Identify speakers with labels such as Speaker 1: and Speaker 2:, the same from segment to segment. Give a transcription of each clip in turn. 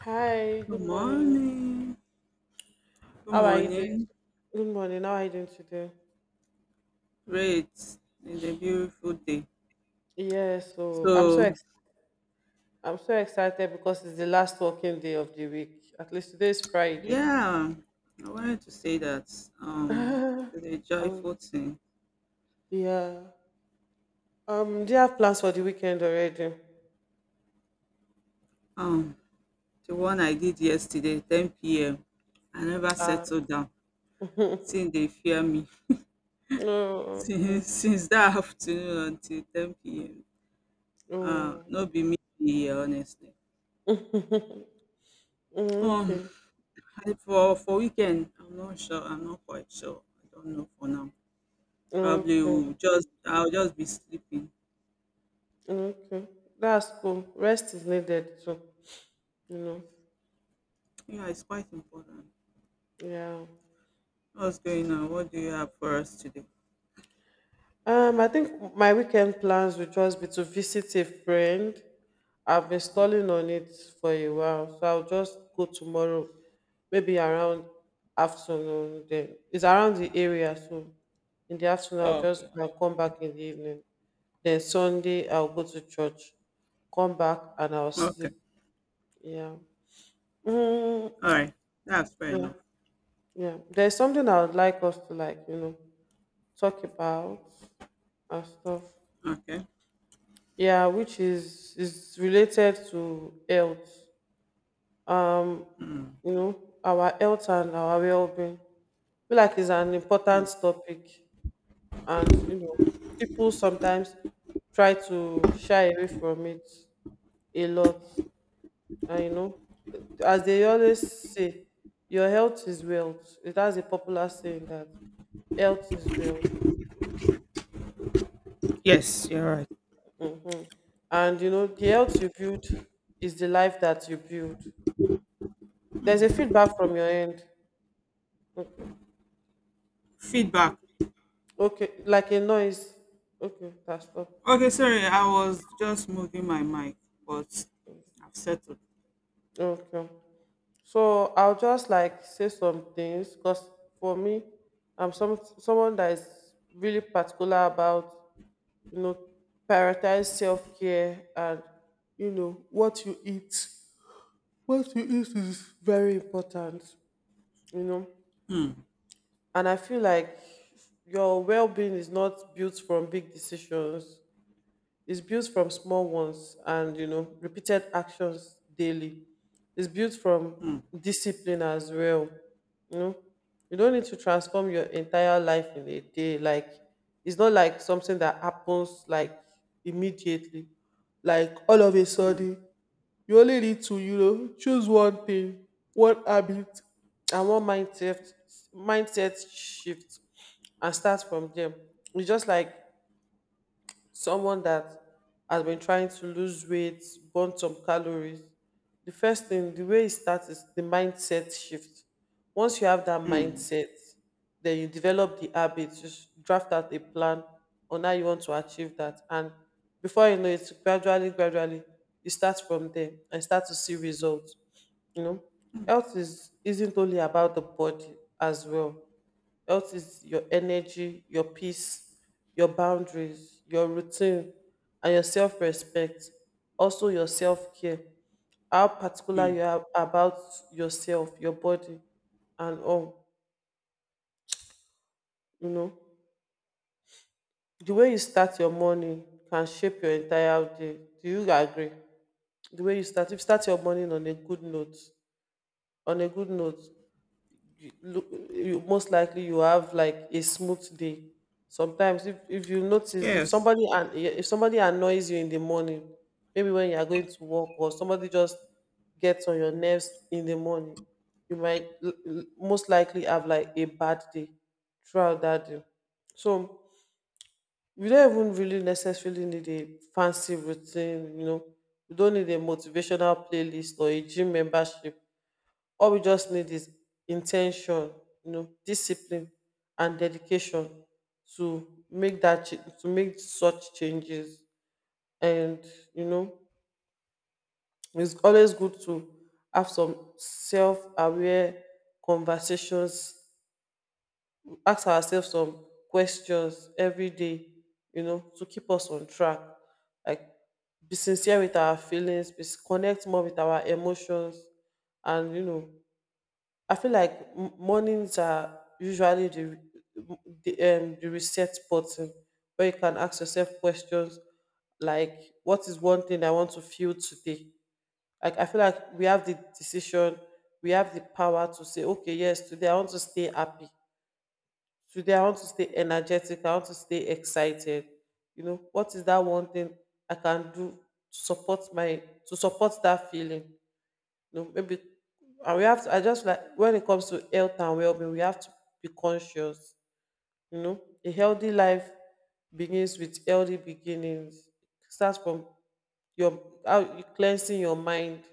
Speaker 1: Hi,
Speaker 2: Good
Speaker 1: good morning.
Speaker 2: morning. Good
Speaker 1: How are you doing?
Speaker 2: morning.
Speaker 1: Good morning. How are you doing today?
Speaker 2: Great. It's a beautiful day.
Speaker 1: Yeah, so I'm so
Speaker 2: So,
Speaker 1: ex- I'm so excited because it's the last working day of the week. At least today is Friday.
Speaker 2: yeah, I wanted to say that um,
Speaker 1: um,
Speaker 2: it's a joyful thing.
Speaker 1: yeah. Do you have plans for the weekend already?
Speaker 2: Um, the one I did yesterday, 10 p.m., I never settled
Speaker 1: Ah.
Speaker 2: down. Since they fear me,
Speaker 1: Oh,
Speaker 2: since,
Speaker 1: okay.
Speaker 2: since that afternoon until 10 p.m.,
Speaker 1: Oh.
Speaker 2: no be me here, honestly. Um,
Speaker 1: Okay.
Speaker 2: I, for weekend, I'm not sure. I'm not quite sure. I don't know for now. Probably
Speaker 1: Okay.
Speaker 2: will just I'll just be sleeping.
Speaker 1: Okay. That's cool. Rest is needed too. You know.
Speaker 2: Yeah, it's quite important.
Speaker 1: Yeah.
Speaker 2: What's going on? What do you have for us today?
Speaker 1: I think my weekend plans would just be to visit a friend. I've been stalling on it for a while, so I'll just go tomorrow, maybe around afternoon. Then it's around the area, so in the afternoon I'll
Speaker 2: Oh,
Speaker 1: just
Speaker 2: okay.
Speaker 1: go and come back in the evening. Then Sunday I'll go to church, come back and I'll
Speaker 2: Okay.
Speaker 1: sleep. Yeah. Mm,
Speaker 2: All right. That's fair
Speaker 1: yeah.
Speaker 2: enough.
Speaker 1: Yeah. There's something I would like us to, like, talk about and stuff.
Speaker 2: Okay.
Speaker 1: Yeah, which is related to health, um
Speaker 2: Hmm.
Speaker 1: you know, our health and our well-being. I feel like it's an important topic, and, you know, people sometimes try to shy away from it a lot. And, you know, as they always say, your health is wealth. It has a popular saying that health is wealth.
Speaker 2: Yes, you're right.
Speaker 1: And, you know, the health you build is the life that you build. There's a feedback from your end. Okay.
Speaker 2: Feedback.
Speaker 1: Okay, like a noise. Okay, that's stop.
Speaker 2: Okay, sorry, I was just moving my mic, but I've settled.
Speaker 1: Okay. So I'll just like say some things because for me, I'm some someone that is really particular about, you know, prioritize self care and, you know, what you eat. What you eat is very important, you know.
Speaker 2: Hmm.
Speaker 1: And I feel like your well being is not built from big decisions. It's built from small ones and, you know, repeated actions daily. It's built from
Speaker 2: Hmm.
Speaker 1: discipline as well. You know, you don't need to transform your entire life in a day. Like, it's not like something that happens like immediately, like all of a
Speaker 2: Hmm.
Speaker 1: sudden. You only need to, you know, choose one thing, one habit, and one mindset shift, and start from there. It's just like someone that has been trying to lose weight, burn some calories, the first thing, the way it starts is the mindset shift. Once you have that
Speaker 2: Hmm.
Speaker 1: mindset, then you develop the habits, just draft out a plan on how you want to achieve that. And before you know it, gradually, gradually, you start from there and start to see results. You know, health is isn't only about the body as well. Health is your energy, your peace, your boundaries, your routine, and your self respect. Also, your self care. How particular
Speaker 2: Hmm.
Speaker 1: you are about yourself, your body, and all. You know, the way you start your morning can shape your entire day. Do you agree? The way you start, if you start your morning on a good note, on a good note, you, look, you most likely you have like a smooth day. Sometimes, if you notice,
Speaker 2: Yes.
Speaker 1: if somebody annoys you in the morning, maybe when you are going to work, or somebody just gets on your nerves in the morning, you might most likely have like a bad day throughout that day. So you don't even really necessarily need a fancy routine. You know, you don't need a motivational playlist or a gym membership. All we just need is intention, you know, discipline and dedication to make to make such changes. And, you know, it's always good to have some self-aware conversations, ask ourselves some questions every day, you know, to keep us on track. Like, be sincere with our feelings, connect more with our emotions. And, you know, I feel like mornings are usually the reset button where you can ask yourself questions like, what is one thing I want to feel today? Like, I feel like we have the decision, we have the power to say, okay, yes, today I want to stay happy. Today I want to stay energetic. I want to stay excited. You know, what is that one thing I can do to support my, to support that feeling? No, maybe, and we have to I just like, when it comes to health and well being, we have to be conscious. You know, a healthy life begins with healthy beginnings. It starts from your how you cleansing your mind,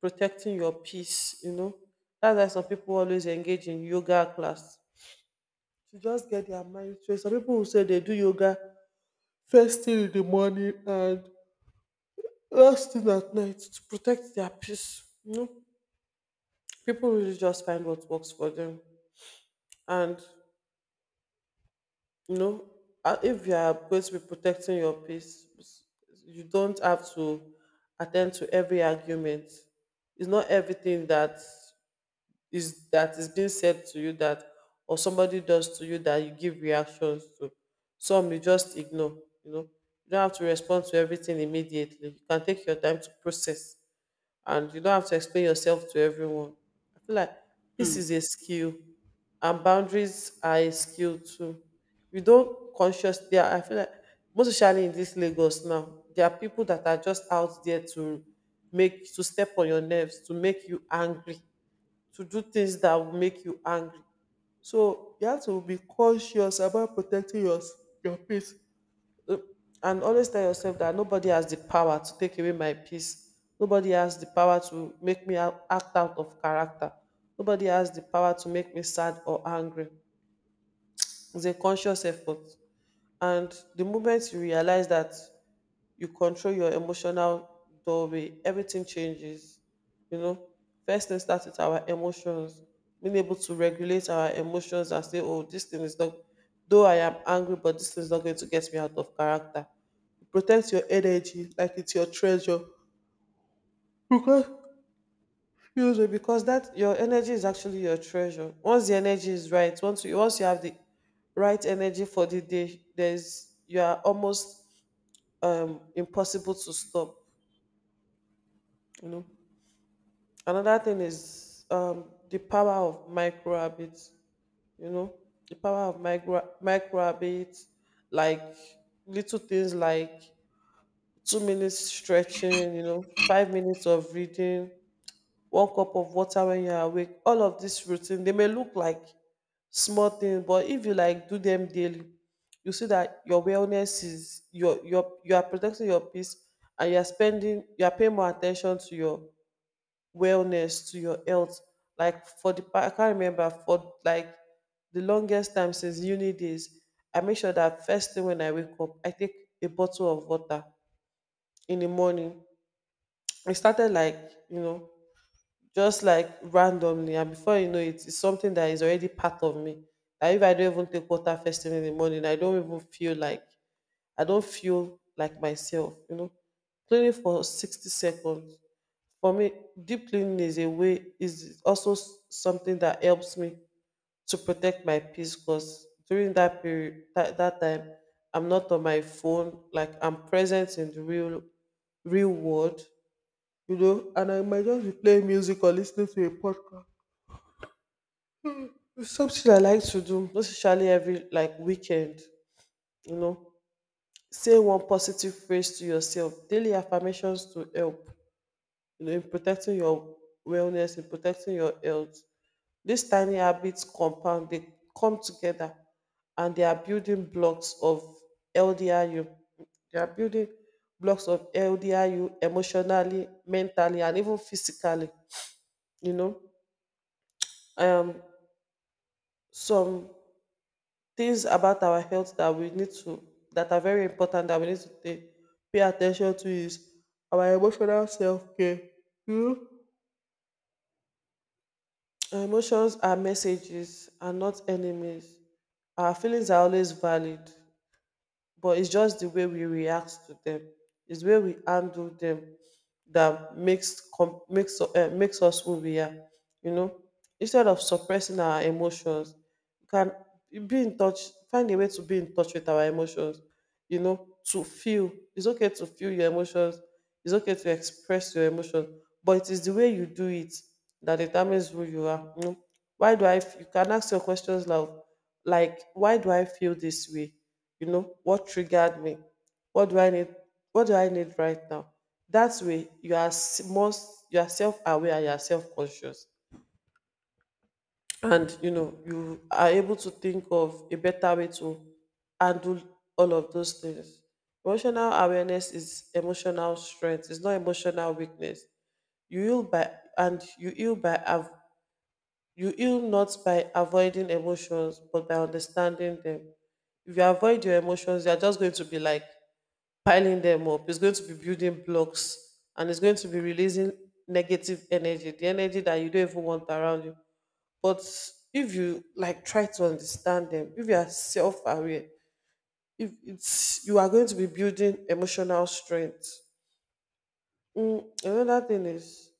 Speaker 1: protecting your peace, you know. That's why some people always engage in yoga class to just get their mind straight. Some people will say they do yoga first thing in the morning and last thing at night to protect their peace. You know, people really just find what works for them. And, you know, if you are going to be protecting your peace, you don't have to attend to every argument. It's not everything that is being said to you that, or somebody does to you, that you give reactions to. Some you just ignore, you know. You don't have to respond to everything immediately, you can take your time to process. And you don't have to explain yourself to everyone. I feel like this
Speaker 2: Hmm.
Speaker 1: is a skill, and boundaries are a skill too. We don't consciously. Yeah, I feel like most especially in this Lagos now, there are people that are just out there to make to step on your nerves, to make you angry, to do things that will make you angry. So you have to be conscious about protecting your peace. uh, and always tell yourself that nobody has the power to take away my peace. Nobody has the power to make act out of character. Nobody has the power to make me sad or angry. It's a conscious effort. And the moment you realize that you control your emotional doorway, everything changes. You know, first thing starts with our emotions, being able to regulate our emotions and say, oh, this thing is not, though I am angry, but this thing is not going to get me out of character. Protect your energy like it's your treasure, because, excuse me, because that your energy is actually your treasure. Once the energy is right, once you have the right energy for the day, there's, you are almost impossible to stop, you know. Another thing is, the power of micro habits, you know, the power of micro habits. Like, little things like 2 minutes stretching, you know, 5 minutes of reading, one cup of water when you're awake. All of this routine, they may look like small things, but if you like do them daily, you see that your wellness is you are protecting your peace, and you are spending you are paying more attention to your wellness, to your health. Like, I can't remember for like the longest time since uni days, I make sure that first thing when I wake up, I take a bottle of water in the morning. It started like, you know, just like randomly, and before you know it, it's something that is already part of me, that if I don't even take water first thing in the morning, I don't even feel like, I don't feel like myself, you know. Cleaning for 60 seconds, for me, deep cleaning is a way is also s- something that helps me to protect my peace, because during that period, that time, I'm not on my phone, like I'm present in the real world, you know. And I might just be playing music or listening to a podcast. It's something I like to do, not especially every like weekend, you know. Say one positive phrase to yourself. Daily affirmations to help, you know, in protecting your wellness, in protecting your health. These tiny habits compound, they come together, and they are building blocks of LDRU. They are building blocks of LDRU emotionally, mentally, and even physically, you know. Um some things about our health that we need to, that are very important, that we need to take, pay attention to is our emotional self care. Our emotions are messages and not enemies. Our feelings are always valid, but it's just the way we react to them. It's the way we handle them that makes, makes us who we are. You know, instead of suppressing our emotions, you can be in touch. Find a way to be in touch with our emotions, you know, to feel. It's okay to feel your emotions. It's okay to express your emotion, but it is the way you do it that determines who you are. You know, why do I? F- you can ask your questions like, why do I feel this way? You know, what triggered me? What do I need? What do I need right now? That way, you are s- most you are self aware. You are self conscious, and you know you are able to think of a better way to handle all of those things. Emotional awareness is emotional strength, it's not emotional weakness. you heal by you heal you heal not by avoiding emotions but by understanding them. If you avoid your emotions, you're just going to be like piling them up. It's going to be building blocks, and it's going to be releasing negative energy, the energy that you don't even want around you. But if you like try to understand them, if you are self-aware, if it's you are going to be building emotional strength. Another thing is,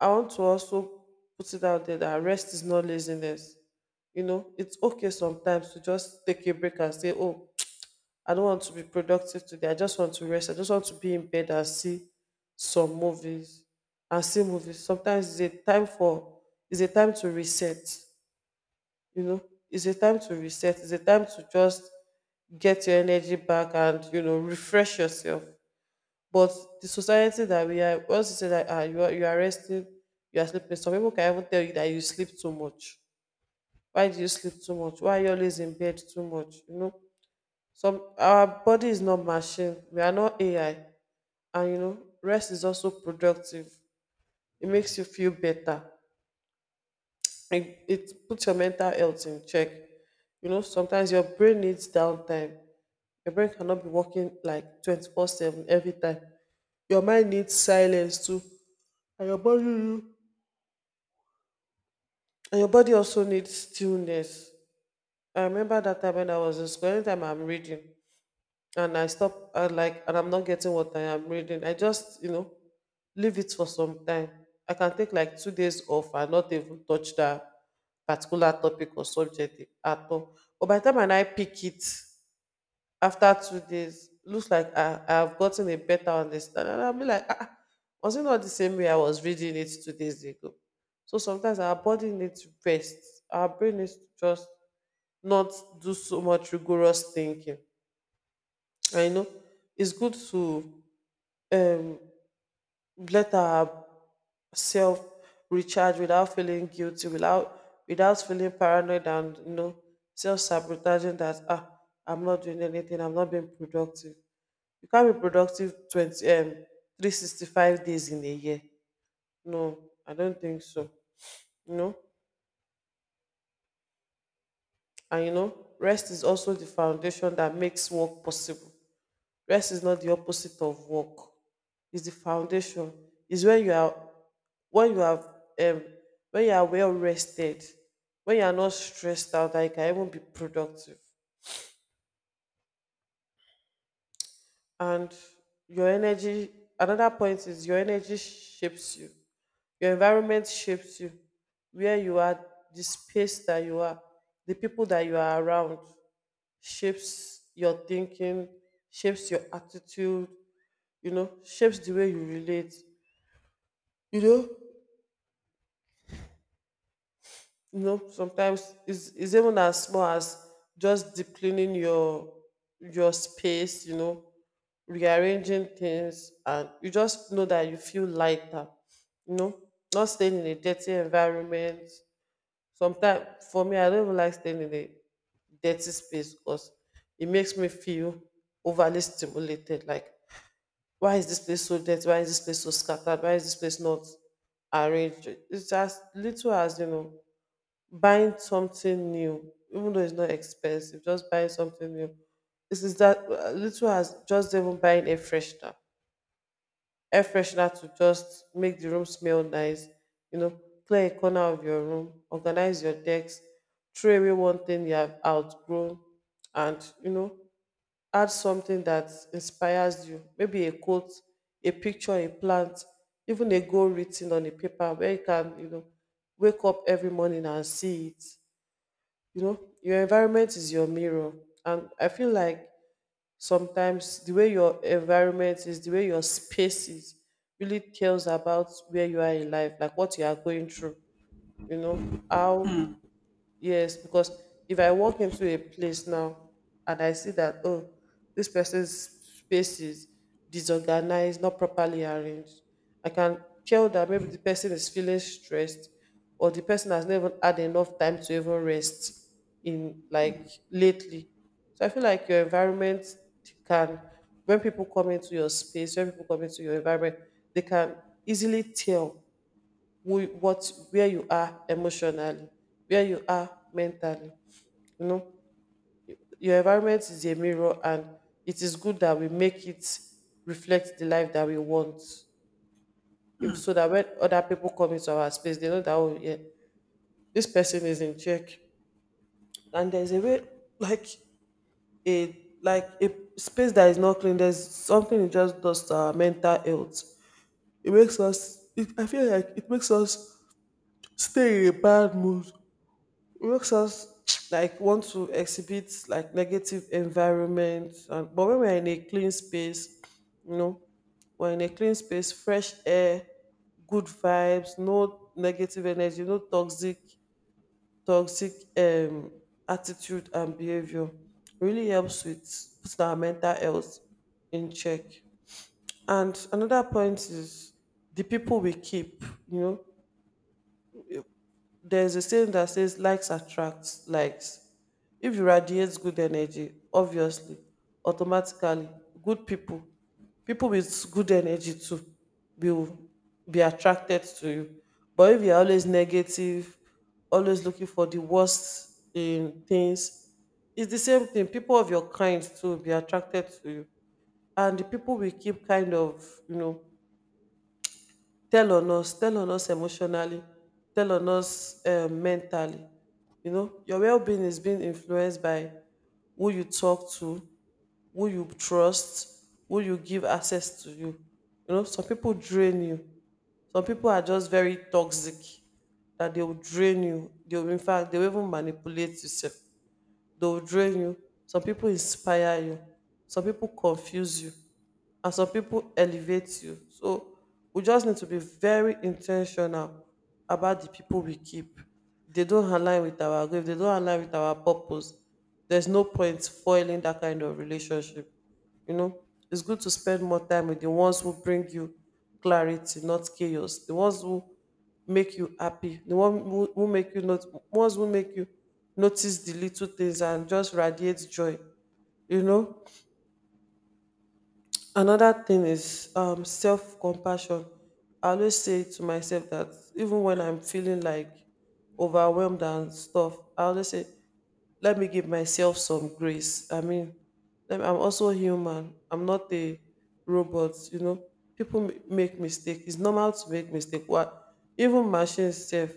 Speaker 1: I want to also put it out there that rest is not laziness. You know, it's okay sometimes to just take a break and say, oh, I don't want to be productive today, I just want to rest, I just want to be in bed and see some movies. And see movies Sometimes it's a time to reset. You know, it's a time to reset, it's a time to just get your energy back and you know refresh yourself. But the society that we are, once you say that ah you are resting, you are sleeping, some people can even tell you that you sleep too much. Why do you sleep too much? Why are you always in bed too much? You know, some our body is not machine, we are not AI. And you know, rest is also productive. It makes you feel better. It puts your mental health in check. You know, sometimes your brain needs downtime. Your brain cannot be working like 24/7 every time. Your mind needs silence too, and your body also needs stillness. I remember that time when I was in school. Anytime I'm reading and I stop, I like, and I'm not getting what I am reading, I just you know leave it for some time. I can take like 2 days off and not even touch that particular topic or subject at all. But by the time and I pick it after 2 days, looks like I've gotten a better understanding. And I'll be like, ah, ah, was it not the same way I was reading it 2 days ago? So sometimes our body needs to rest. Our brain needs to just not do so much rigorous thinking. I know, it's good to um, let ourselves recharge without feeling guilty, without feeling paranoid and you know self sabotaging that, ah, I'm not doing anything, I'm not being productive. You can't be productive twenty 365 days in a year. No, I don't think so. You know, and you know, rest is also the foundation that makes work possible. Rest is not the opposite of work. It's the foundation. It's when you are, when you have um when you are well rested, when you are not stressed out, that you can even be productive. And your energy Another point is, your energy shapes you, your environment shapes you. Where you are, the space that you are, the people that you are around shapes your thinking, shapes your attitude, you know, shapes the way you relate. You know, you know, sometimes it's even as small as just deep cleaning your space, you know, rearranging things, and you just know that you feel lighter. You know, not staying in a dirty environment. Sometimes, for me, I don't even like staying in a dirty space because it makes me feel overly stimulated, like why is this place so dirty, why is this place so scattered, why is this place not arranged. It's as little as, you know, buying something new even though it's not expensive, just buying something new. This is that little as just even buying a fresh tap air freshener to just make the room smell nice. You know, clear a corner of your room, organize your desk, throw away one thing you have outgrown, and you know, add something that inspires you, maybe a quote, a picture, a plant, even a goal written on a paper where you can you know wake up every morning and see it. You know, your environment is your mirror, and I feel like sometimes the way your environment is, the way your space is, really tells about where you are in life, like what you are going through, you know, how. Yes, because if I walk into a place now and I see that, oh, this person's space is disorganized, not properly arranged, I can tell that maybe the person is feeling stressed or the person has never had enough time to even rest in like lately. So I feel like your environment can, when people come into your space, when people come into your environment, they can easily tell who what where you are emotionally, where you are mentally. You know, your environment is a mirror, and it is good that we make it reflect the life that we want, if, so that when other people come into our space, they know that, oh yeah, this person is in check. And there's a way, like like a space that is not clean, there's something it just does to our mental health. It makes us, I feel like it makes us stay in a bad mood. It makes us like want to exhibit like negative environment. And but when we're in a clean space, you know, we're in a clean space, fresh air, good vibes, no negative energy, no toxic toxic um attitude and behavior, really helps with putting our mental health in check. And another point is, the people we keep. You know, there's a saying that says likes attracts likes. If you radiate good energy, obviously, automatically, good people, people with good energy too, will be attracted to you. But if you're always negative, always looking for the worst in things, it's the same thing. People of your kind too will be attracted to you. And the people will keep kind of, you know, tell on us emotionally, tell on us mentally. You know, your well-being is being influenced by who you talk to, who you trust, who you give access to you. You know, some people drain you, some people are just very toxic that they will drain you, they will, in fact, they will even manipulate yourself, they will drain you. Some people inspire you, some people confuse you, and some people elevate you. So we just need to be very intentional about the people we keep. They don't align with our goal, if they don't align with our purpose, there's no point foiling that kind of relationship. You know, it's good to spend more time with the ones who bring you clarity, not chaos. The ones who make you happy, the one who make you not ones who make you notice the little things and just radiate joy. You know, another thing is self compassion. I always say to myself that even when I'm feeling like overwhelmed and stuff, I always say, let me give myself some grace. I mean, I'm also human. I'm not a robot. You know, people make mistakes. It's normal to make mistakes. What, even machines self,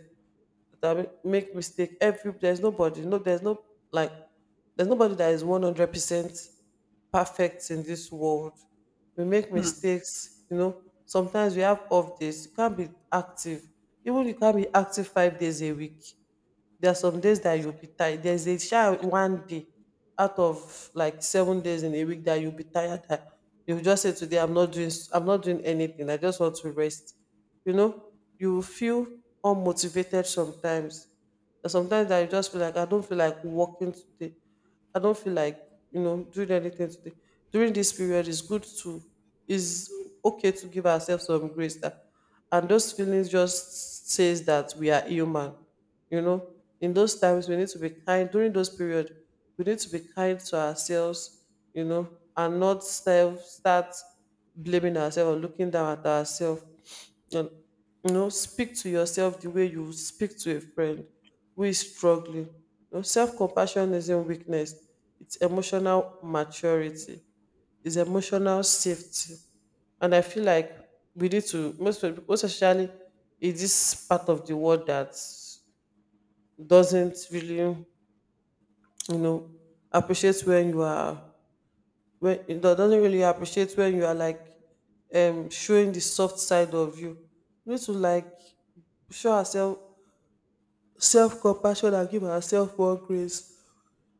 Speaker 1: that we make mistake every, there's nobody, no, there's no like, there's nobody that is 100% perfect in this world. We make
Speaker 2: Hmm.
Speaker 1: mistakes. You know, sometimes we have off days, you can't be active, even you can't be active 5 days a week. There are some days that you'll be tired. There's a shy one day out of like 7 days in a week that you'll be tired. That you'll just say today, I'm not doing, I'm not doing anything. I just want to rest. You know, you will feel unmotivated sometimes. There's sometimes that you just feel like I don't feel like working today. I don't feel like you know doing anything today. During this period, it's good to is okay to give ourselves some grace, and those feelings just says that we are human you know in those times we need to be kind during those period. We need to be kind to ourselves, and not self start blaming ourselves or looking down at ourselves. And speak to yourself the way you speak to a friend who is struggling. Self-compassion isn't weakness, it's emotional maturity, it's emotional safety. And I feel like we need to most people, especially in this part of the world, that doesn't really you know appreciate when you are when it do- doesn't really appreciate when you are showing the soft side of you. We need to like show ourselves self-compassion and give ourselves one grace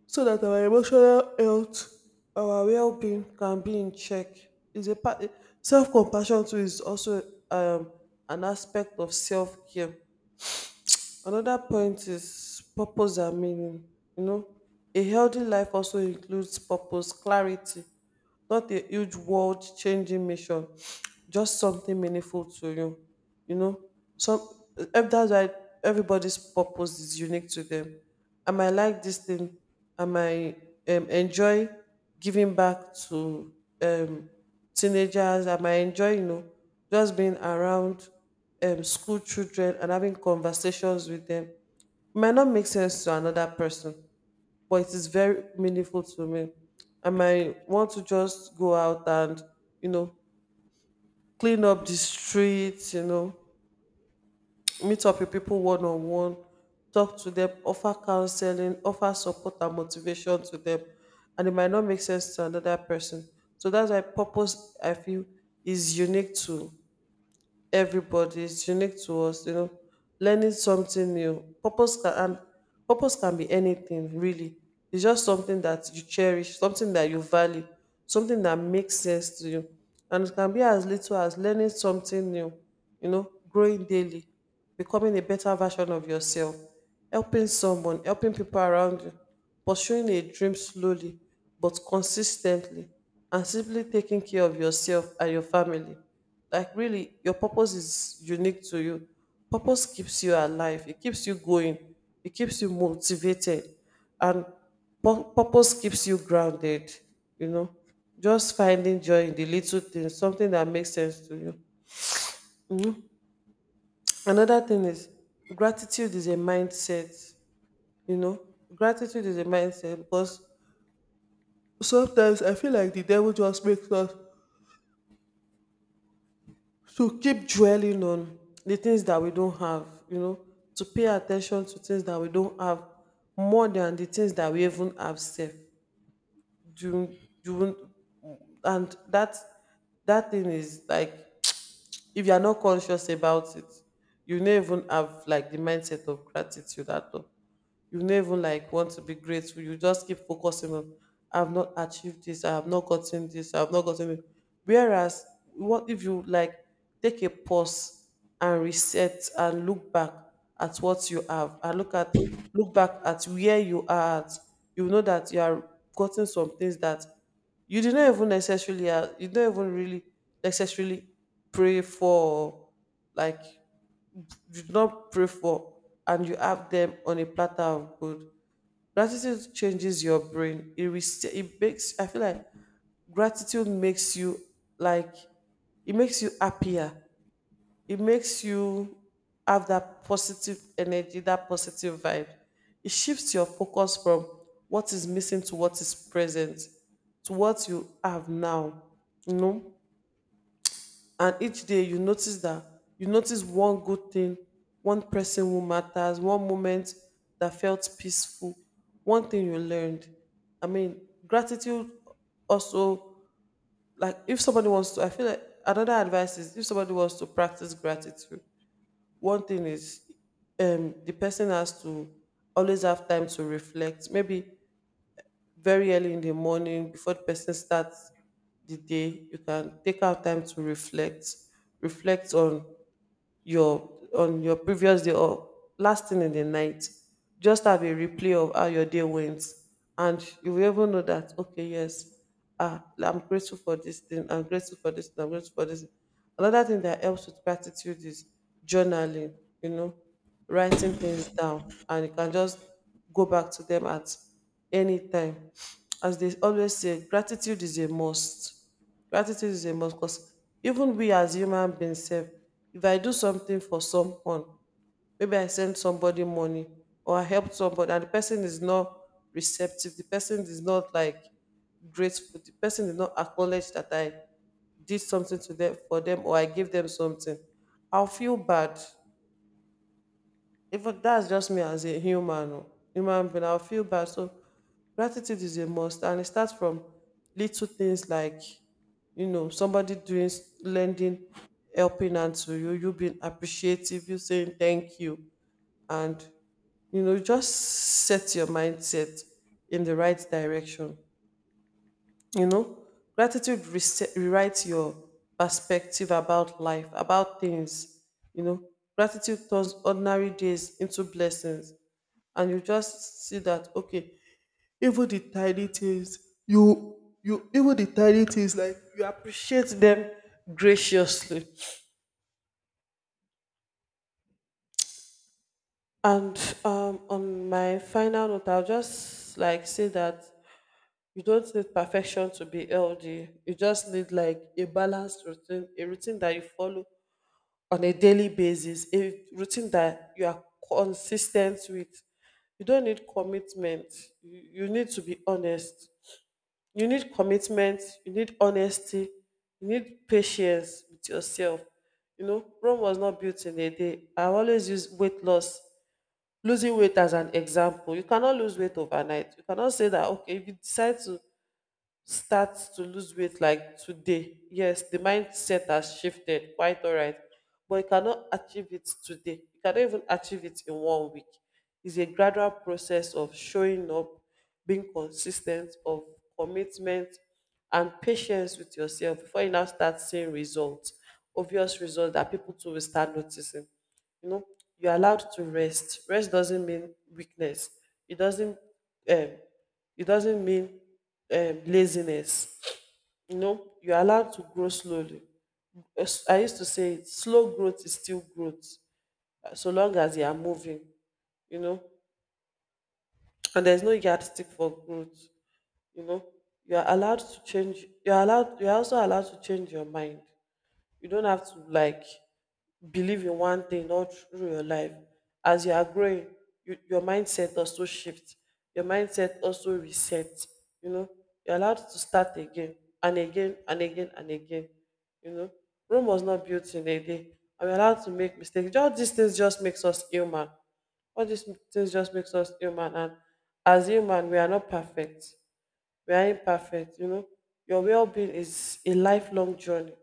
Speaker 1: so that our emotional health, our well-being, can be in check. Is a part Self-compassion too is also um an aspect of self-care. Another point is purpose and meaning. You know, a healthy life also includes purpose, clarity, not a huge world changing mission, just something meaningful to you some that's why everybody's purpose is unique to them. I might like this thing. I might enjoy giving back to um, teenagers. I might enjoy just being around school children and having conversations with them. It might not make sense to another person, but it is very meaningful to me. I might want to just go out and, you know, clean up the streets, meet up with people one on one, talk to them, offer counseling, offer support and motivation to them. And it might not make sense to another person. So that's why purpose, I feel, is unique to everybody. It's unique to us. Learning something new. Purpose can be anything, really. It's just something that you cherish, something that you value, something that makes sense to you. And it can be as little as learning something new, growing daily, becoming a better version of yourself, helping someone, helping people around you, pursuing a dream slowly but consistently, and simply taking care of yourself and your family. Like really, your purpose is unique to you. Purpose keeps you alive. It keeps you going. It keeps you motivated, and purpose keeps you grounded. You know, just finding joy in the little things, something that makes sense to you. Mhm. Another thing is gratitude is a mindset, you know. Gratitude is a mindset because sometimes I feel like the devil just makes us to keep dwelling on the things that we don't have, to pay attention to things that we don't have more than the things that we even have safe. Do do and That thing is like, if you are not conscious about it, you never even have like the mindset of gratitude at all. You no even like want to be grateful. You just keep focusing on I have not achieved this, I have not gotten this, I have not gotten it. Whereas, what if you like take a pause and reset and look back at what you have, and look back at where you are at? You know that you are gotten some things that you did not even necessarily you don't even really necessarily pray for. Like you did not pray for, and you have them on a platter of good. Gratitude changes your brain. It rest- it makes I feel like gratitude makes you, like, it makes you happier. It makes you have that positive energy, that positive vibe. It shifts your focus from what is missing to what is present, to what you have now. You know? And each day you notice that, you notice one good thing, one person who matters, one moment that felt peaceful, one thing you learned. I mean, gratitude also, like, if somebody wants to I feel like another advice is, if somebody wants to practice gratitude, one thing is the person has to always have time to reflect. Maybe very early in the morning before the person starts the day, you can take out time to reflect. Reflect on your, on your previous day, or last thing in the night, just have a replay of how your day went, and you will even know that, okay, yes, ah, I'm grateful for this thing, I'm grateful for this thing, I'm grateful for this. Another thing that helps with gratitude is journaling you know Writing things down, and you can just go back to them at any time. As they always say, gratitude is a must. Gratitude is a must because even we as human beings self, if I do something for someone, maybe I send somebody money or I help somebody, and the person is not receptive, the person is not like grateful, the person did not acknowledge that I did something to them, for them, or I gave them something, I'll feel bad. Even that's just me as a human being. I'll feel bad. So gratitude is a must, and it starts from little things, like somebody doing lending helping hand to you, you being appreciative, you saying thank you, and just set your mindset in the right direction. You know, Gratitude reset, rewrites your perspective about life, about things. You know, Gratitude turns ordinary days into blessings, and you just see that, okay, even the tiny things, you you even the tiny things, like you appreciate them graciously. And on my final note, I'll just like say that you don't need perfection to be healthy. You just need like a balanced routine, a routine that you follow on a daily basis, a routine that you are consistent with. You don't need commitment You, you need to be honest. You need commitment, you need honesty, you need patience with yourself. You know, Rome was not built in a day. I always use weight loss, losing weight, as an example. You cannot lose weight overnight. You cannot say that, okay, if you decide to start to lose weight like today. Yes, the mindset has shifted, quite all right. But you cannot achieve it today. You cannot even achieve it in one week. It's a gradual process of showing up, being consistent, of commitment and patience with yourself before you now start seeing results, obvious results that people too will start noticing. You know, you're allowed to rest. Rest doesn't mean weakness. It doesn't um, it doesn't mean laziness. You know, you're allowed to grow slowly. As I used to say, slow growth is still growth, so long as you are moving, you know, and there's no yardstick for growth, you know. You are allowed to you're also allowed to change your mind. You don't have to like believe in one thing all through your life. As you are growing, your mindset also shift, your mindset also reset, you know. You're allowed to start again and again and again and again, you know. Rome was not built in a day, and we're allowed to make mistakes. All these things just makes us human. All these things just makes us human and As human, we are not perfect, we are imperfect, you know. Your well-being is a lifelong journey.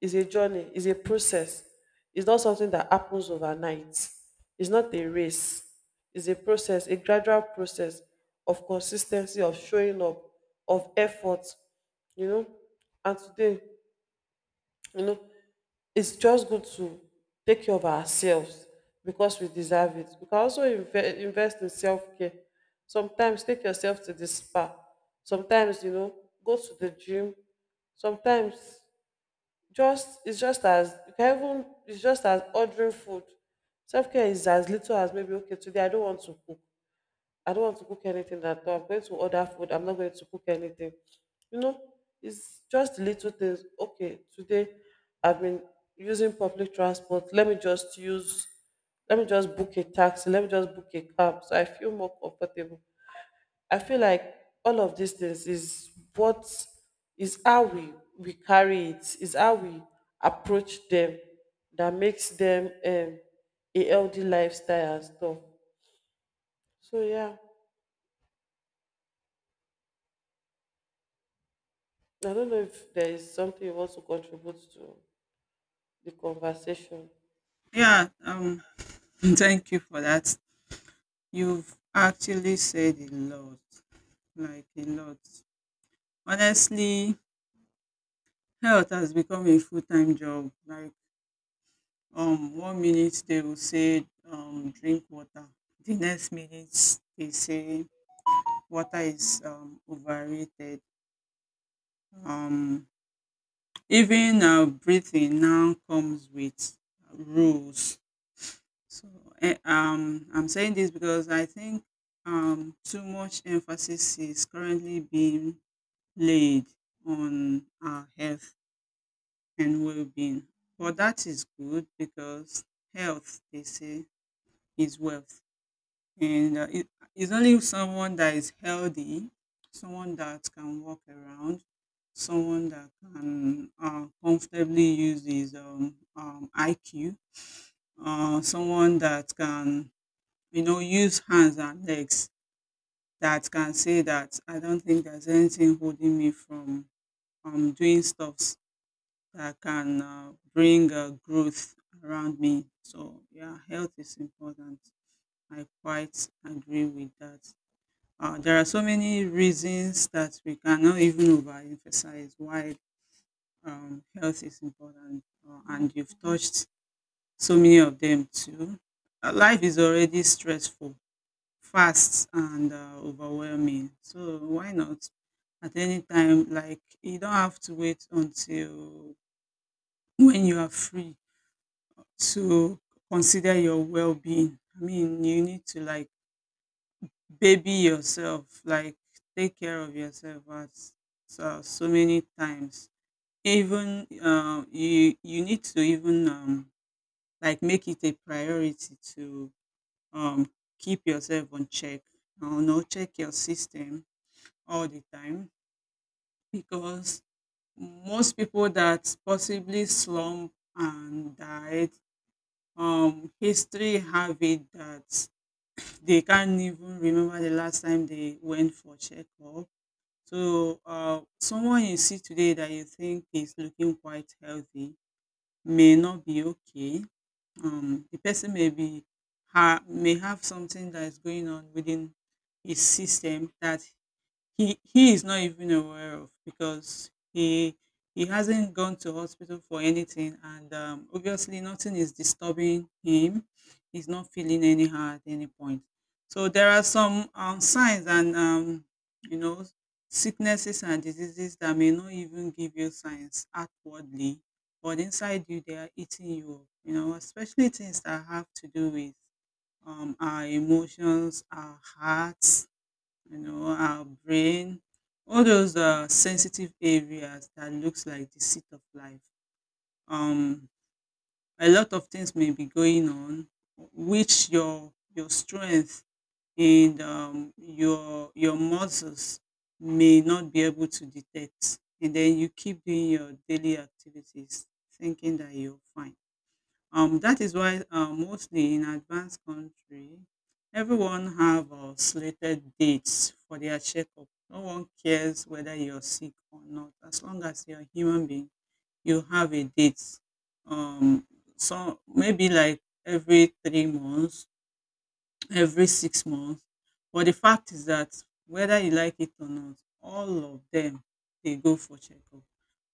Speaker 1: It's a journey, it's a process. It's not something that happens overnight. It's not a race, it's a process, a gradual process, of consistency, of showing up, of effort, you know. And today, you know, it's just good to take care of ourselves because we deserve it. We can also invest in self care. Sometimes take yourself to the spa. Sometimes, you know, go to the gym. Sometimes, just it's just as you can even it's just as ordering food. Self care is as little as, maybe, okay, today I don't want to cook. I don't want to cook anything at all. I'm going to order food. I'm not going to cook anything. You know, it's just little things. Okay, today I've been using public transport. Let me just book a taxi. Let me just book a cab so I feel more comfortable. I feel like all of these things is what is how we carry it, is how we approach them, that makes them a healthy lifestyle and stuff. So yeah. I don't know if there is something you want to contribute to the conversation.
Speaker 2: Yeah. Thank you for that. You've actually said a lot, like a lot. Honestly, health has become a full-time job. Like one minute they will say drink water. The next minute they say water is overrated. Um Even breathing now comes with rules. So I'm saying this because I think too much emphasis is currently being laid on our health and well-being. Well, being but that is good because health, they say, is wealth, and it's only someone that is healthy, someone that can walk around, someone that can comfortably use his IQ, someone that can, you know, use hands and legs, that can say that I don't think there's anything holding me from doing stuff that can bring growth around me. So yeah, health is important. I quite agree with that. There are so many reasons that we cannot even overemphasize why health is important, and you've touched so many of them too. Life is already stressful, fast, and overwhelming. So why not at any time? Like, you don't have to wait until when you are free to consider your well-being. I mean, you need to like baby yourself, like take care of yourself at so, so many times. Even you need to even like make it a priority to um, keep yourself on check. You know, no, check your system all the time because most people that possibly slump and died, history have it that they can't even remember the last time they went for checkup. So, someone you see today that you think is looking quite healthy may not be okay. The person may be may have something that is going on within his system that he is not even aware of because he hasn't gone to hospital for anything, and obviously nothing is disturbing him, he's not feeling anyhow at any point. So there are some signs and, you know, sicknesses and diseases that may not even give you signs outwardly, but inside you they are eating you up, you know, especially things that have to do with, our emotions, our hearts, you know, our brain, all those sensitive areas that looks like the seat of life. Um, a lot of things may be going on, which your strength and, um, your muscles may not be able to detect, and then you keep doing your daily activities, thinking that you're fine. That is why, mostly in advanced country, everyone have slated dates for their checkup. No one cares whether you're sick or not. As long as you're a human being, you have a date. Um, so maybe like every 3 months, every 6 months. But the fact is that whether you like it or not, all of them, they go for checkup.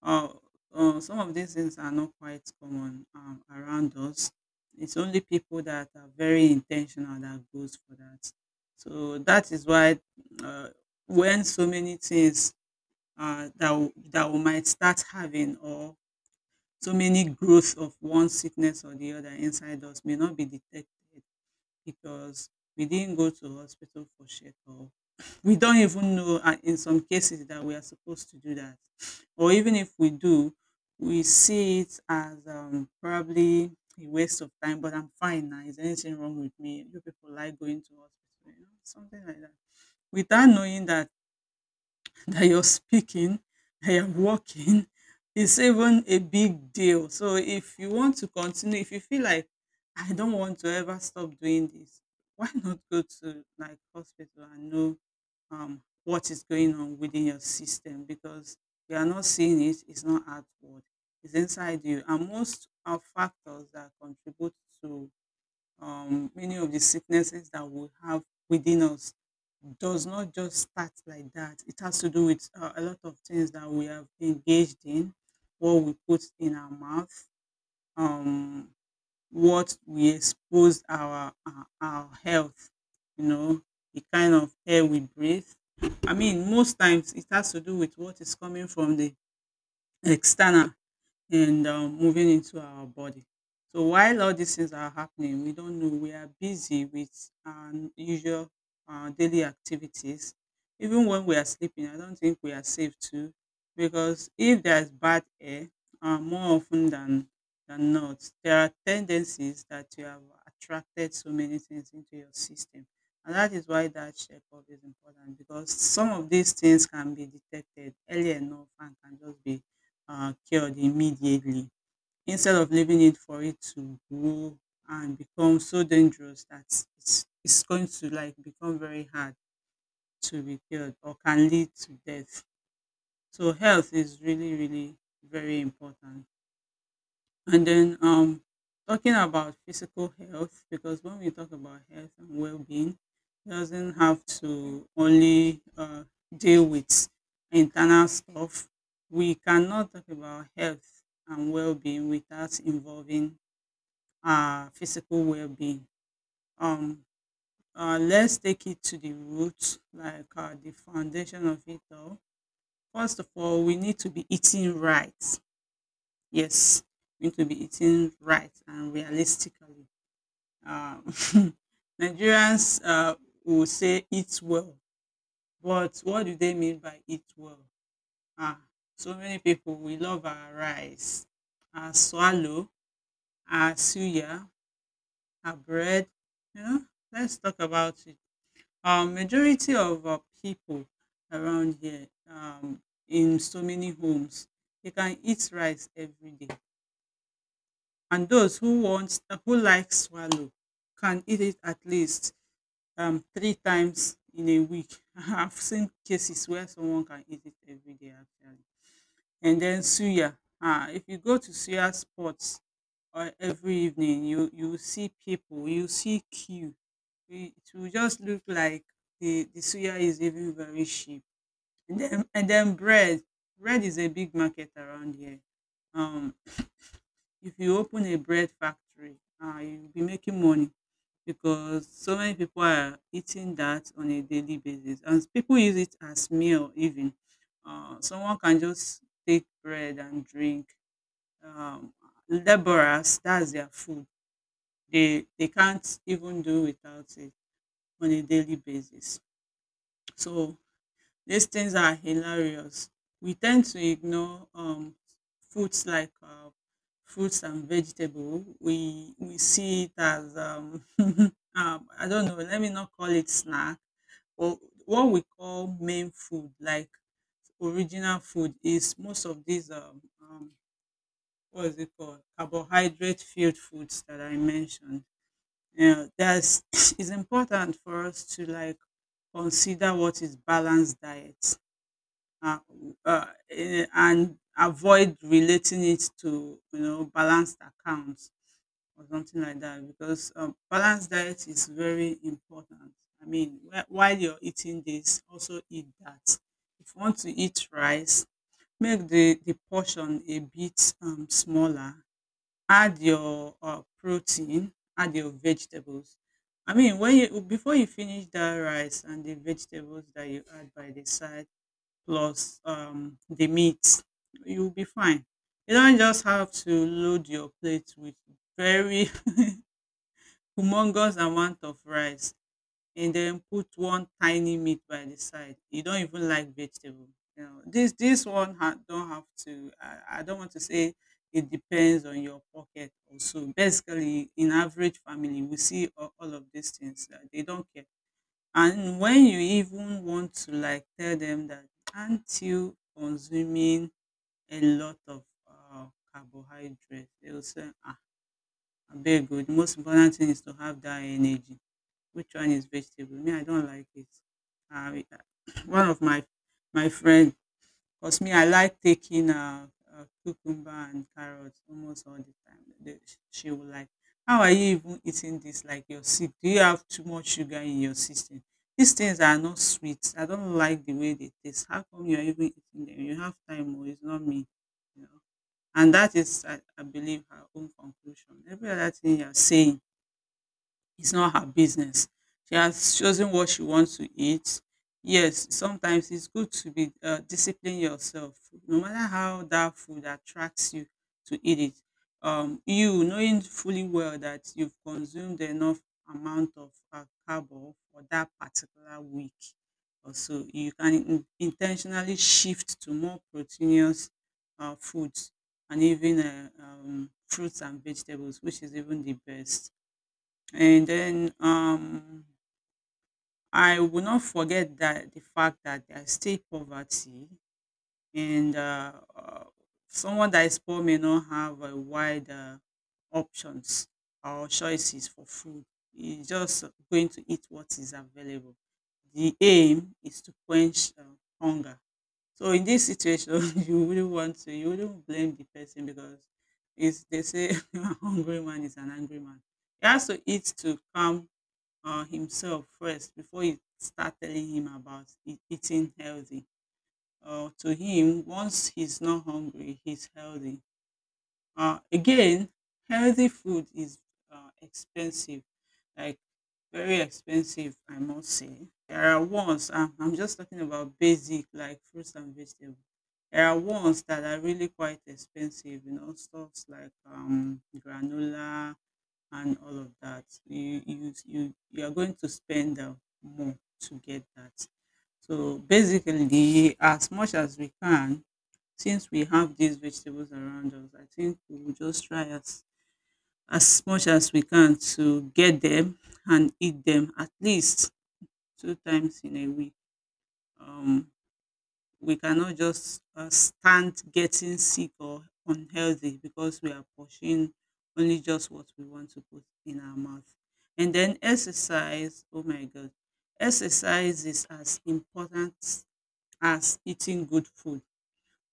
Speaker 2: Uh, some of these things are not quite common around us. It's only people that are very intentional that goes for that. So that is why, uh, when so many things, that we might start having, or so many growth of one sickness or the other inside us may not be detected because we didn't go to hospital for checkup. We don't even know, and in some cases, that we are supposed to do that. Or even if we do, we see it as probably a waste of time, but I'm fine now. Is anything wrong with me? You people like going to hospital, you know, something like that. Without knowing that that you're speaking, that you're walking, is even a big deal. So if you want to continue, if you feel like I don't want to ever stop doing this, why not go to like hospital and know what is going on within your system, because you are not seeing it, it's not outward, it's inside you. And most of factors that contribute to many of the sicknesses that we have within us does not just start like that. It has to do with a lot of things that we have engaged in, what we put in our mouth, um, what we expose our health, you know, the kind of air we breathe. I mean, most times it has to do with what is coming from the external and moving into our body. So while all these things are happening, we don't know, we are busy with our usual daily activities. Even when we are sleeping, I don't think we are safe too, because if there is bad air, more often than not, there are tendencies that you have attracted so many things into your system, and that is why that checkup is important, because some of these things can be detected early enough and can just be cured immediately instead of leaving it for it to grow and become so dangerous that it's going to like become very hard to be cured or can lead to death. So health is really, really very important. And then, talking about physical health, because when we talk about health and well-being, it doesn't have to only deal with internal stuff. We cannot talk about health and well-being without involving our physical well-being. Um, let's take it to the root, like the foundation of it all. First of all, we need to be eating right. Yes, we need to be eating right and realistically. Uh, Nigerians will say eat well, but what do they mean by eat well? Ah, so many people, we love our rice, our swallow, our suya, our bread. You know, let's talk about it. Majority of people around here, in so many homes, they can eat rice every day, and those who want, who like swallow, can eat it at least three times in a week. I've seen cases where someone can eat it every day actually. And then suya. Ah, if you go to suya spots or every evening, you will see people, you will see queue. It will just look like the suya is even very cheap. And then bread. Bread is a big market around here. Um, if you open a bread factory, you'll be making money because so many people are eating that on a daily basis. And people use it as meal even. Someone can just take bread and drink. Um, Laborers, that's their food. They can't even do without it on a daily basis. So these things are hilarious. We tend to ignore foods like fruits and vegetable. We see it as, I don't know. Let me not call it snack. Or what we call main food, like original food, is most of these what is it called carbohydrate filled foods that I mentioned. Yeah, that's it's important for us to like consider what is balanced diet, uh, and avoid relating it to, you know, balanced accounts or something like that, because balanced diet is very important. I mean, while you're eating this, also eat that. If you want to eat rice, make the portion a bit, smaller. Add your protein, add your vegetables. I mean, when you before you finish that rice and the vegetables that you add by the side, plus the meat, you'll be fine. You don't just have to load your plate with very humongous amount of rice and then put one tiny meat by the side. You don't even like vegetable. You know, this one don't have to. I don't want to say it depends on your pocket also. Basically, in average family, we see all of these things. They don't care, and when you even want to like tell them that, aren't you consuming a lot of carbohydrate, they will say, ah, abeg o, the most important thing is to have that energy. Which one is vegetable? Me, I don like it. I one of my my friend 'Cause me, I like taking, cucumber and carrot almost all the time. The She will like, "How are you even eating this? Like, you're sick. Do you have too much sugar in your system? These things are not sweet. I don't like the way they taste. How come you're even eating them? You have time oh, it's not me." You know? And that is, I believe, her own conclusion. Every other thing you're saying, it's not her business. She has chosen what she wants to eat. Yes, sometimes it's good to be discipline yourself, no matter how that food attracts you to eat it. You knowing fully well that you've consumed enough amount of carbo for that particular week, or so, you can intentionally shift to more proteinous foods, and even fruits and vegetables, which is even the best. And then I will not forget that the fact that there's still poverty, and someone that is poor may not have a wide options or choices for food. He's just going to eat what is available. The aim is to quench hunger. So in this situation, you wouldn't blame the person because it's, they say a hungry man is an angry man. He has to eat to calm himself first before you start telling him about eating healthy. To him, once he's not hungry, he's healthy. Again, healthy food is expensive, like very expensive, I must say. There are ones, I'm just talking about basic, like fruits and vegetables. There are ones that are really quite expensive, you know, stuffs like granola, and all of that. So you are going to spend more to get that. So basically, as much as we can, since we have these vegetables around us, I think we will just try as much as we can to get them and eat them at least two times in a week. Um, we cannot just stand getting sick or unhealthy because we are pursuing only just what we want to put in our mouth. And then exercise, oh my God, exercise is as important as eating good food.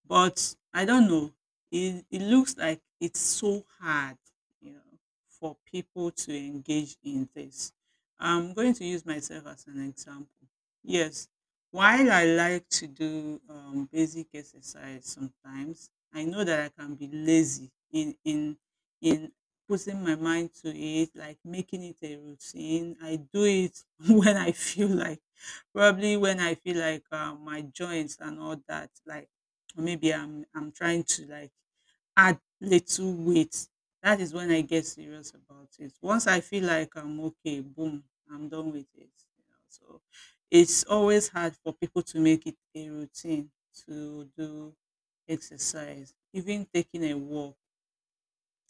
Speaker 2: But I don't know. It looks like it's so hard, you know, for people to engage in this. I'm going to use myself as an example. Yes, while I like to do basic exercise sometimes, I know that I can be lazy in putting my mind to it, like making it a routine. I do it when I feel like, probably when I feel like my joints and all that, like, or maybe I'm trying to like add little weight, that is when I get serious about it. Once I feel like I'm okay, boom, I'm done with it. You know? So it's always hard for people to make it a routine to do exercise, even taking a walk,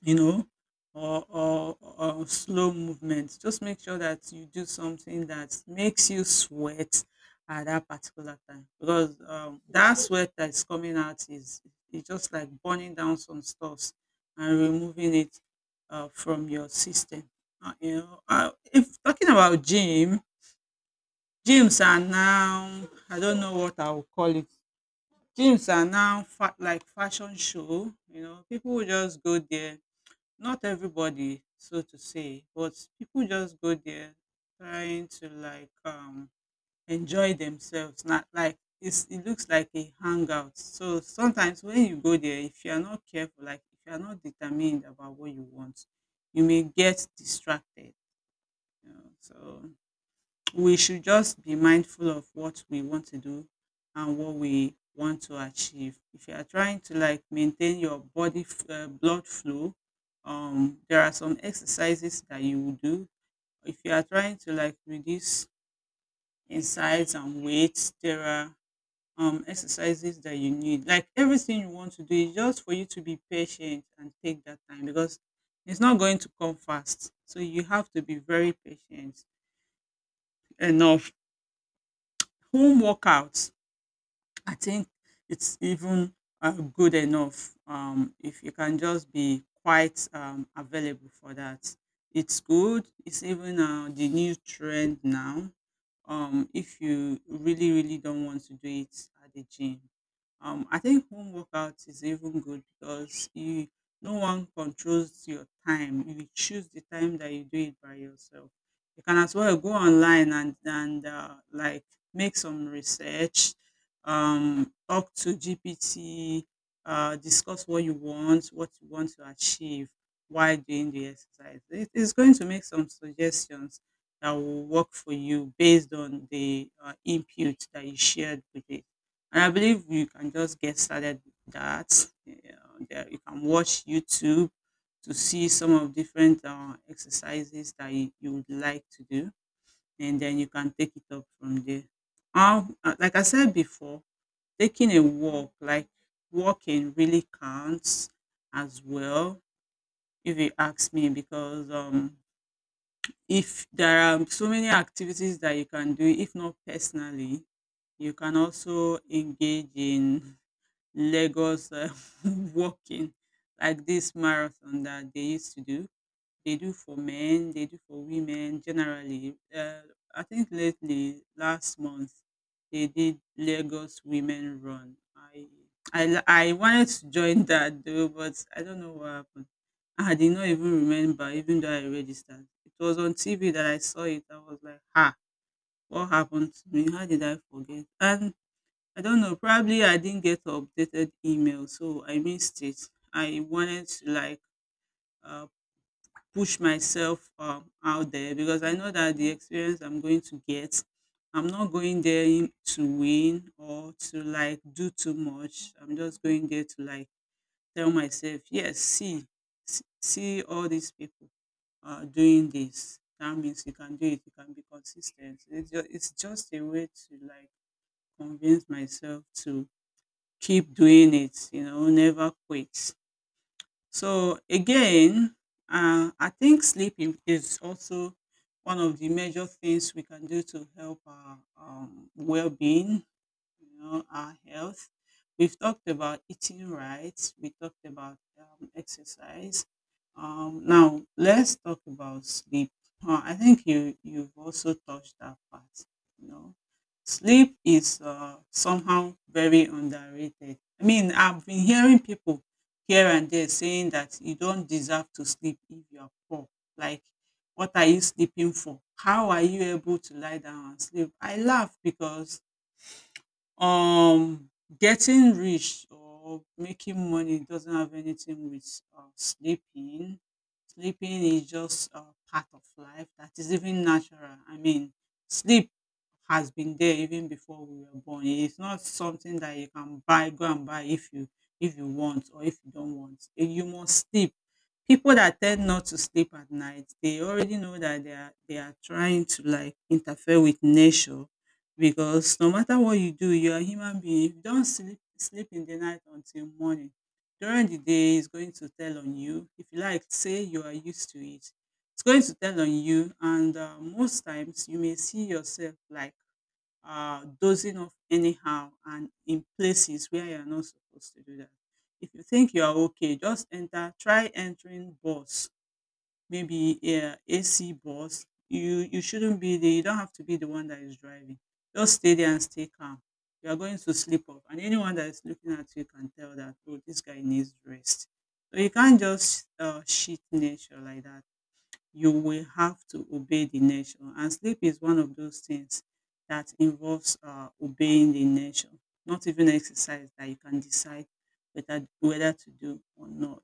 Speaker 2: you know, or slow movement. Just make sure that you do something that makes you sweat at that particular time because that sweat that is coming out is, it's just like burning down some stuffs and removing it from your system. If talking about gym, gyms are now, I don't know what I will call it. Gyms are now like fashion show. You know, people will just go there, not everybody so to say, but people just go there trying to like enjoy themselves, not like, it's, it looks like a hangout, so sometimes when you go there, if you are not careful, like if you are not determined about what you want, you may get distracted, you know, so we should just be mindful of what we want to do and what we want to achieve. If you are trying to like maintain your body blood flow, there are some exercises that you will do. If you are trying to like reduce in size and weight, there are exercises that you need. Like everything you want to do is just for you to be patient and take that time because it's not going to come fast. So you have to be very patient enough. Home workouts, I think it's even good enough, if you can just be quite available for that. It's good. It's even the new trend now. If you really, really don't want to do it at the gym, I think home workout is even good because you, no one controls your time. You choose the time that you do it by yourself. You can as well go online and like make some research, talk to GPT, discuss what you want to achieve while doing the exercise. It is going to make some suggestions that will work for you based on the input that you shared with it. And I believe you can just get started with that. Yeah, you can watch YouTube to see some of different exercises that you would like to do, and then you can take it up from there. Like I said before, taking a walk, like walking really counts as well, if you ask me, because if there are so many activities that you can do, if not personally, you can also engage in Lagos walking, like this marathon that they used to do. They do for men, they do for women generally. I think lately, last month, they did Lagos Women Run. I wanted to join that though, but I don't know what happened. I did not even remember, even though I registered. It was on TV that I saw it. I was like, ha, what happened to me? How did I forget? And I don't know, probably I didn't get updated email, so I missed it. I wanted to like uh, push myself out there because I know that the experience I'm going to get, I'm not going there to win or to like do too much. I'm just going there to like tell myself, yes, see, see all these people doing this. That means you can do it. You can be consistent. It's just a way to like convince myself to keep doing it. You know, never quit. So again, I think sleeping is also one of the major things we can do to help our well-being, you know, our health. We've talked about eating right. We talked about exercise. Now let's talk about sleep. I think you've also touched that part. You know, sleep is somehow very underrated. I mean, I've been hearing people here and there saying that you don't deserve to sleep if you are poor. Like, what are you sleeping for? How are you able to lie down and sleep? I laugh because um getting rich or making money doesn't have anything with sleeping. Sleeping is just a part of life that is even natural. I mean, sleep has been there even before we were born. It is not something that you can buy, go and buy if you, if you want or if you don't want. Eh, you must sleep. People that tend not to sleep at night, they already know that they are trying to like interfere with nature because no matter what you do, you're a human being. If you don't sleep in the night until morning, during the day, it's going to tell on you. If you like, say you are used to it, it's going to tell on you. And most times, you may see yourself like dozing off anyhow and in places where you're not supposed to do that. If you think you are okay, just enter, try entering bus, maybe, yeah, a AC bus, you shouldn't be the you don't have to be the one that is driving. Just stay there and stay calm. You are going to sleep off, and anyone that is looking at you can tell that, oh, this guy needs rest. So you can't just shit nature like that. You will have to obey the nation. And sleep is one of those things that involves obeying the nation, not even exercise that you can decide whether to do or not.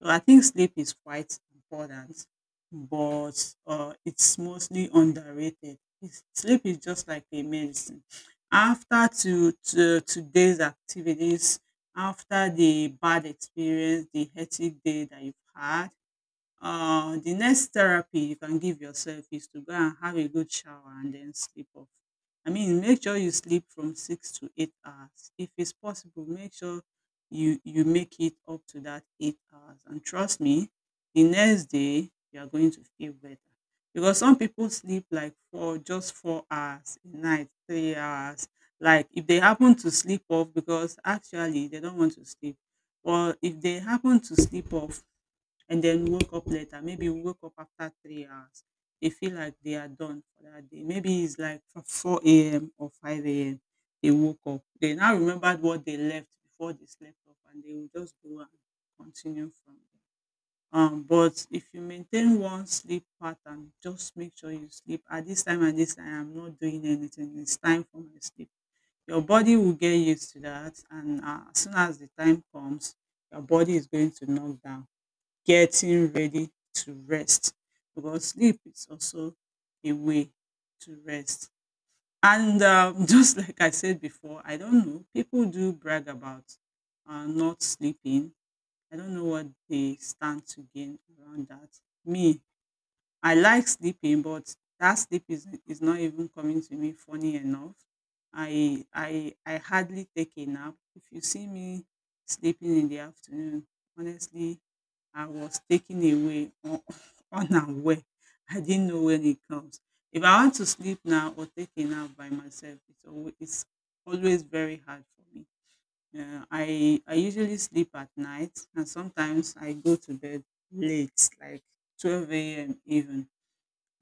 Speaker 2: So I think sleep is quite important, but it's mostly underrated. Sleep is just like a medicine. After to today's activities, after the bad experience, the hectic day that you've had, the next therapy you can give yourself is to go and have a good shower and then sleep off. I mean, make sure you sleep from 6 to 8 hours. If it's possible, make sure you make it up to that 8 hours. And trust me, the next day you are going to feel better. Because some people sleep like 4 hours a night, 3 hours. Like if they happen to sleep off, because actually they don't want to sleep, or if they happen to sleep off and then woke up later. Maybe you woke up after 3 hours. They feel like they are done for that day. Maybe it's like from 4 a.m. or 5 a.m. They woke up. They now remembered what they left before they slept off and they will just go and continue from there. But if you maintain one sleep pattern, just make sure you sleep at this time and this time. I'm not doing anything. It's time for my sleep. Your body will get used to that, and as soon as the time comes, your body is going to knock down getting ready to rest because sleep is also a way to rest. And just like I said before, I don't know, people do brag about not sleeping. I don't know what they stand to gain around that. Me, I like sleeping, but that sleep is not even coming to me funny enough. I hardly take a nap. If you see me sleeping in the afternoon, honestly, I was taken away un unaware. I didn't know when it comes. If I want to sleep now or take a nap by myself, it's always very hard for me. I usually sleep at night, and sometimes I go to bed late, like 12 a.m. even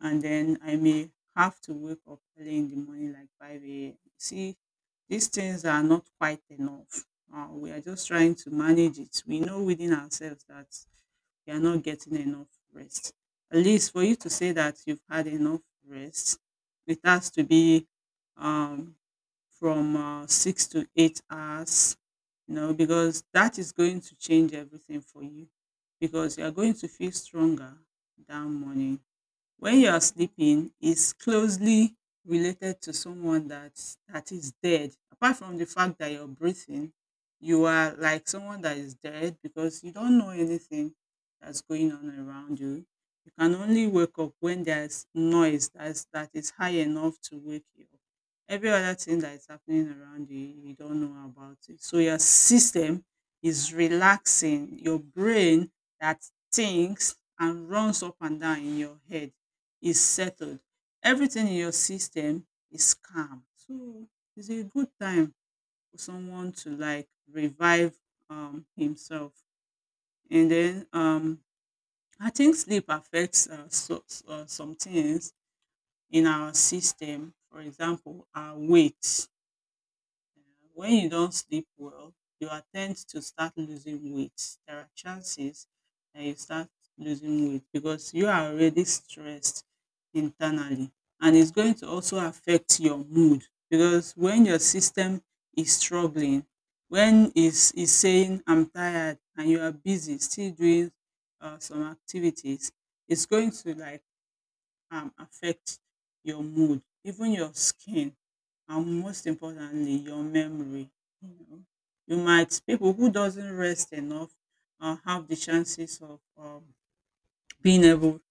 Speaker 2: and then I may have to wake up early in the morning, like 5 a.m. See, these things are not quite enough. We are just trying to manage it. We know within ourselves that we are not getting enough rest. At least for you to say that you've had enough rest, it has to be um, from 6 to 8 hours, you know, because that is going to change everything for you because you are going to feel stronger that morning when you are sleeping is closely related to someone that is dead. Apart from the fact that you're breathing, you are like someone that is dead because you don't know anything that's going on around you. You can only wake up when there's noise that is high enough to wake you up. Every other thing that is happening around you, you don't know about it. So your system is relaxing. Your brain that thinks and runs up and down in your head is settled. Everything in your system is calm. So it's a good time for someone to like revive himself. And then I think sleep affects some things in our system. For example, our weight. Yeah, when you don't sleep well, you are ten d to start losing weight. There are chances that you start losing weight because you are already stressed internally and it's going to also affect your mood because when your system is struggling, when is saying I'm tired and you are busy still doing some activities, it's going to like affect your mood, even your skin, and most importantly, your memory. You know, you might people who doesn't rest enough have the chances of being able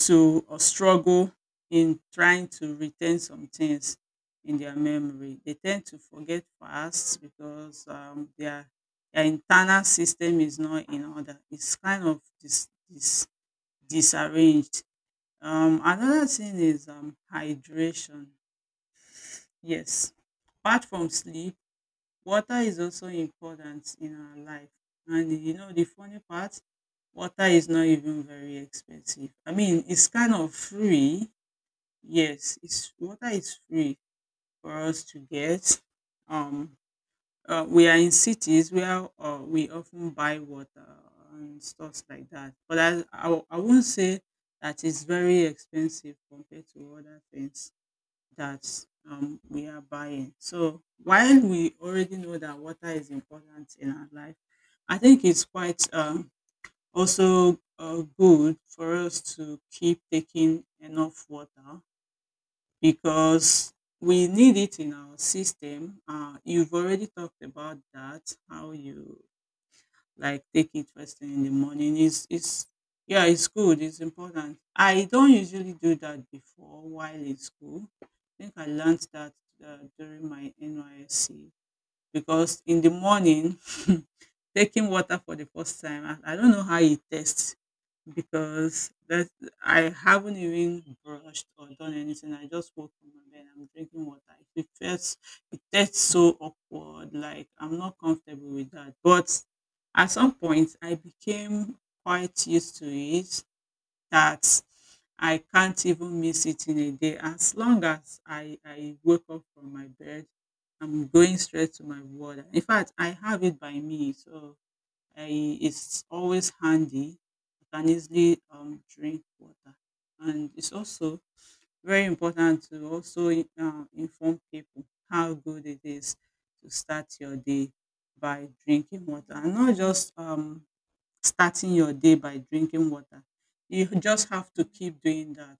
Speaker 2: to or struggle in trying to retain some things in their memory. They tend to forget fast because their internal system is not in order. It's kind of disarranged. Another thing is hydration. Yes, apart from sleep, water is also important in our life. And you know, the funny part, water is not even very expensive. I mean, it's kind of free. Yes, it's water is free for us to get. Um, we are in cities where we often buy water and stuff like that. But I won't say that it's very expensive compared to other things that we are buying. So while we already know that water is important in our life, I think it's quite also good for us to keep taking enough water because we need it in our system. You've already talked about that, how you like take it first thing in the morning. It's yeah, it's good. It's important. I don't usually do that before while in school. I think I learned that during my NYSC because in the morning taking water for the first time, I don't know how it tastes because that I haven't even brushed or done anything I just woke from my bed I'm drinking water it feels it tastes so awkward like I'm not comfortable with that but at some point I became quite used to it that I can't even miss it in a day. As long as I wake up from my bed, I'm going straight to my water. In fact, I have it by me, so I, it's always handy. I can easily drink water. And it's also very important to also inform people how good it is to start your day by drinking water and not just starting your day by drinking water. You just have to keep doing that.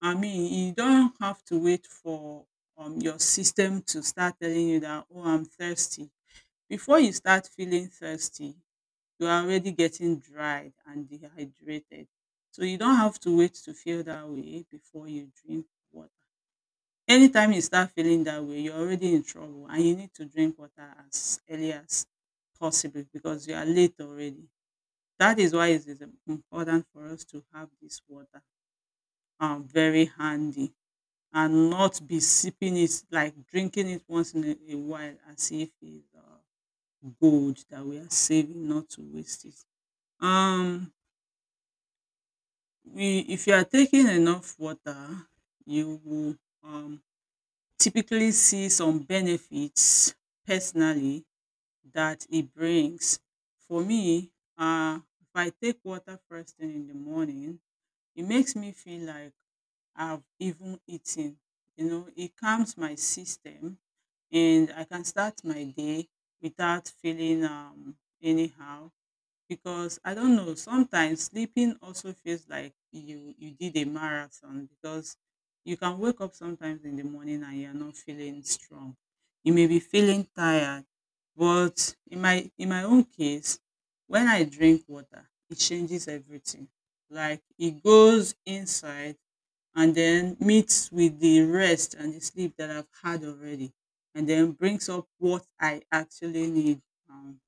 Speaker 2: I mean, you don't have to wait for your system to start telling you that, oh, I'm thirsty. Before you start feeling thirsty, you are already getting dried and dehydrated. So you don't have to wait to feel that way before you drink water. Anytime you start feeling that way, you're already in trouble and you need to drink water as early as possible because you are late already. That is why it is important for us to have this water very handy and not be sipping it like drinking it once in a while as if it's gold that we are saving not to waste it. Um, if you are taking enough water, you will um, typically see some benefits personally that it brings. For me, if I take water first thing in the morning, e makes me feel like I've even eaten, you know, it calms my system and I can start my day without feeling anyhow because I don't know, sometimes sleeping also feels like you did a marathon because you can wake up sometimes in the morning and you're not feeling strong. You may be feeling tired, but in my own case, when I drink water, it changes everything. Like it goes inside and then meets with the rest and the sleep that I've had already and then brings up what I actually need um,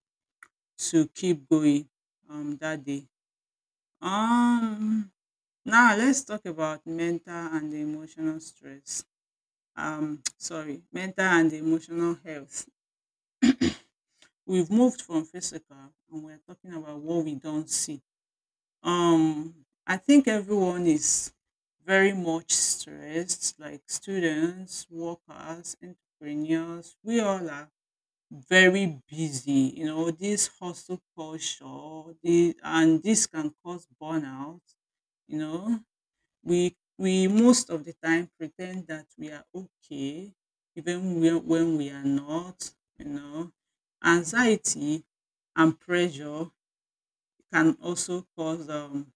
Speaker 2: to keep going that day. Um Now let's talk about mental and emotional stress. Sorry, mental and emotional health. We've moved from physical and we're talking about what we don't see. I think everyone is very much stressed, like students, workers, entrepreneurs, we all are very busy. You know, this hustle culture, the and this can cause burnout. You know, we most of the time pretend that we are okay, even when we are not. You know, anxiety and pressure can also cause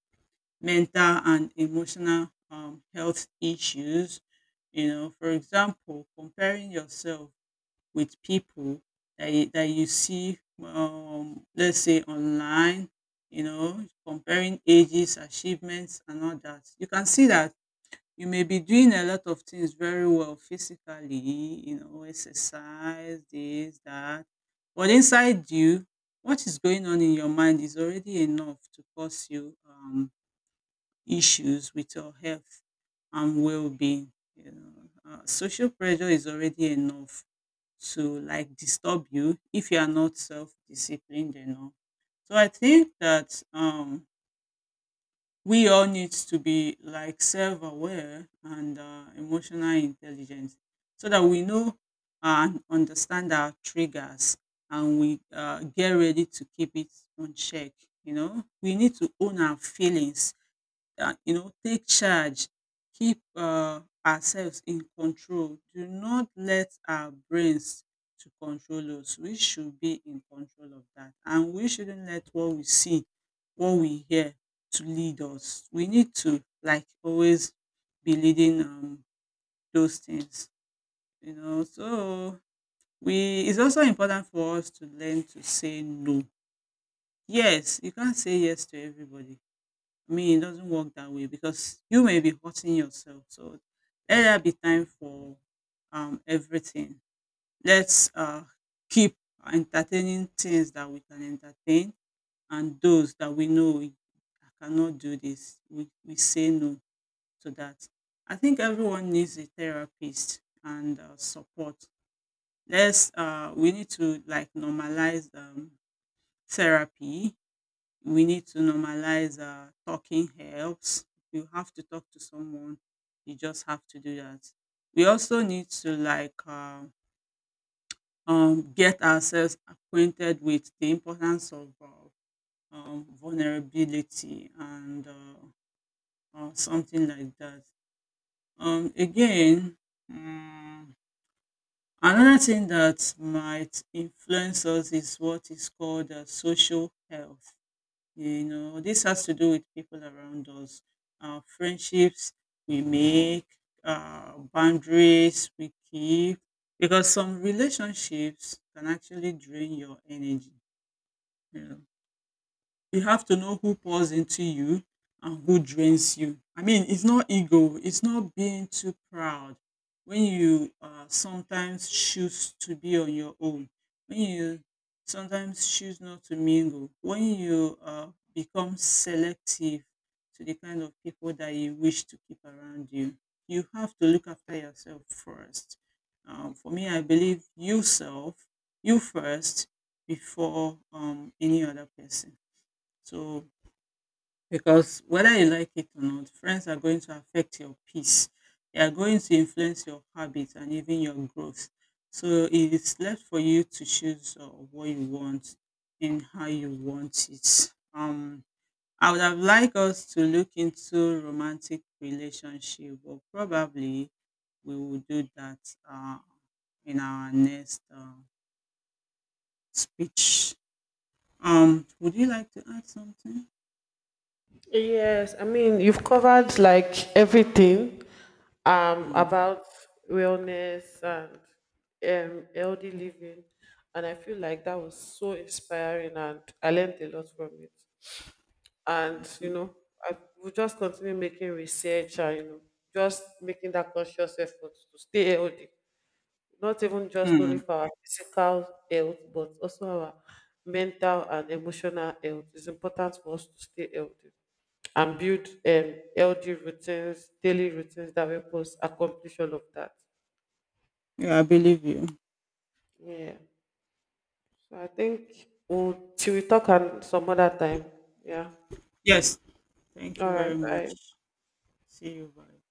Speaker 2: mental and emotional health issues. You know, for example, comparing yourself with people that you see, let's say online, you know, comparing ages, achievements, and all that. You can see that you may be doing a lot of things very well physically, you know, exercise, this, that. But inside you, what is going on in your mind is already enough to cause you issues with your health and well-being. You know, social pressure is already enough to like disturb you if you are not self-disciplined enough. So I think that we all need to be like self-aware and emotional intelligence so that we know and understand our triggers and we get ready to keep it on check. You know, we need to own our feelings you know, take charge, keep ourselves in control. Do not let our brains to control us. We should be in control of that, and we shouldn't let what we see, what we hear, to lead us. We need to like always be leading those things, you know. So we it's also important for us to learn to say no. Yes, you can't say yes to everybody. I mean, it doesn't work that way because you may be hurting yourself. So let there be time for everything. Let's keep entertaining things that we can entertain and those that we know we I cannot do this. We say no to that. I think everyone needs a therapist and support. Let's, we need to like normalize therapy. We need to normalize talking helps. You have to talk to someone. You just have to do that. We also need to like get ourselves acquainted with the importance of vulnerability and something like that. Again, mm, another thing that might influence us is what is called social health. You know, this has to do with people around us, friendships we make, boundaries we keep, because some relationships can actually drain your energy. You know, you have to know who pours into you and who drains you. I mean, it's not ego, it's not being too proud. When you sometimes choose to be on your own, when you sometimes choose not to mingle, when you become selective to the kind of people that you wish to keep around you, you have to look after yourself first. For me, I believe yourself, you first, before any other person. So, because whether you like it or not, friends are going to affect your peace. They are going to influence your habits and even your growth. So it is left for you to choose what you want and how you want it. I would have liked us to look into romantic relationship, but probably we will do that uh, in our next speech. Would you like to add something?
Speaker 1: Yes, I mean, you've covered like everything
Speaker 2: Hmm,
Speaker 1: about wellness and healthy living. And I feel like that was so inspiring, and I learned a lot from it.
Speaker 2: thank
Speaker 1: And, you
Speaker 2: you.
Speaker 1: know, I will just continue making research and, you know, just making that conscious effort to stay healthy. Not even just
Speaker 2: Hmm.
Speaker 1: only for our physical health, but also our mental and emotional health. It's important for us to stay healthy and build healthy routines, daily routines that help us accomplish all of that.
Speaker 2: Yeah, I believe you.
Speaker 1: Yeah. So I think we'll, till we talk on some other time. Yeah.
Speaker 2: Yes. Thank
Speaker 1: All
Speaker 2: you very
Speaker 1: right.
Speaker 2: much.
Speaker 1: Bye.
Speaker 2: See you. Bye.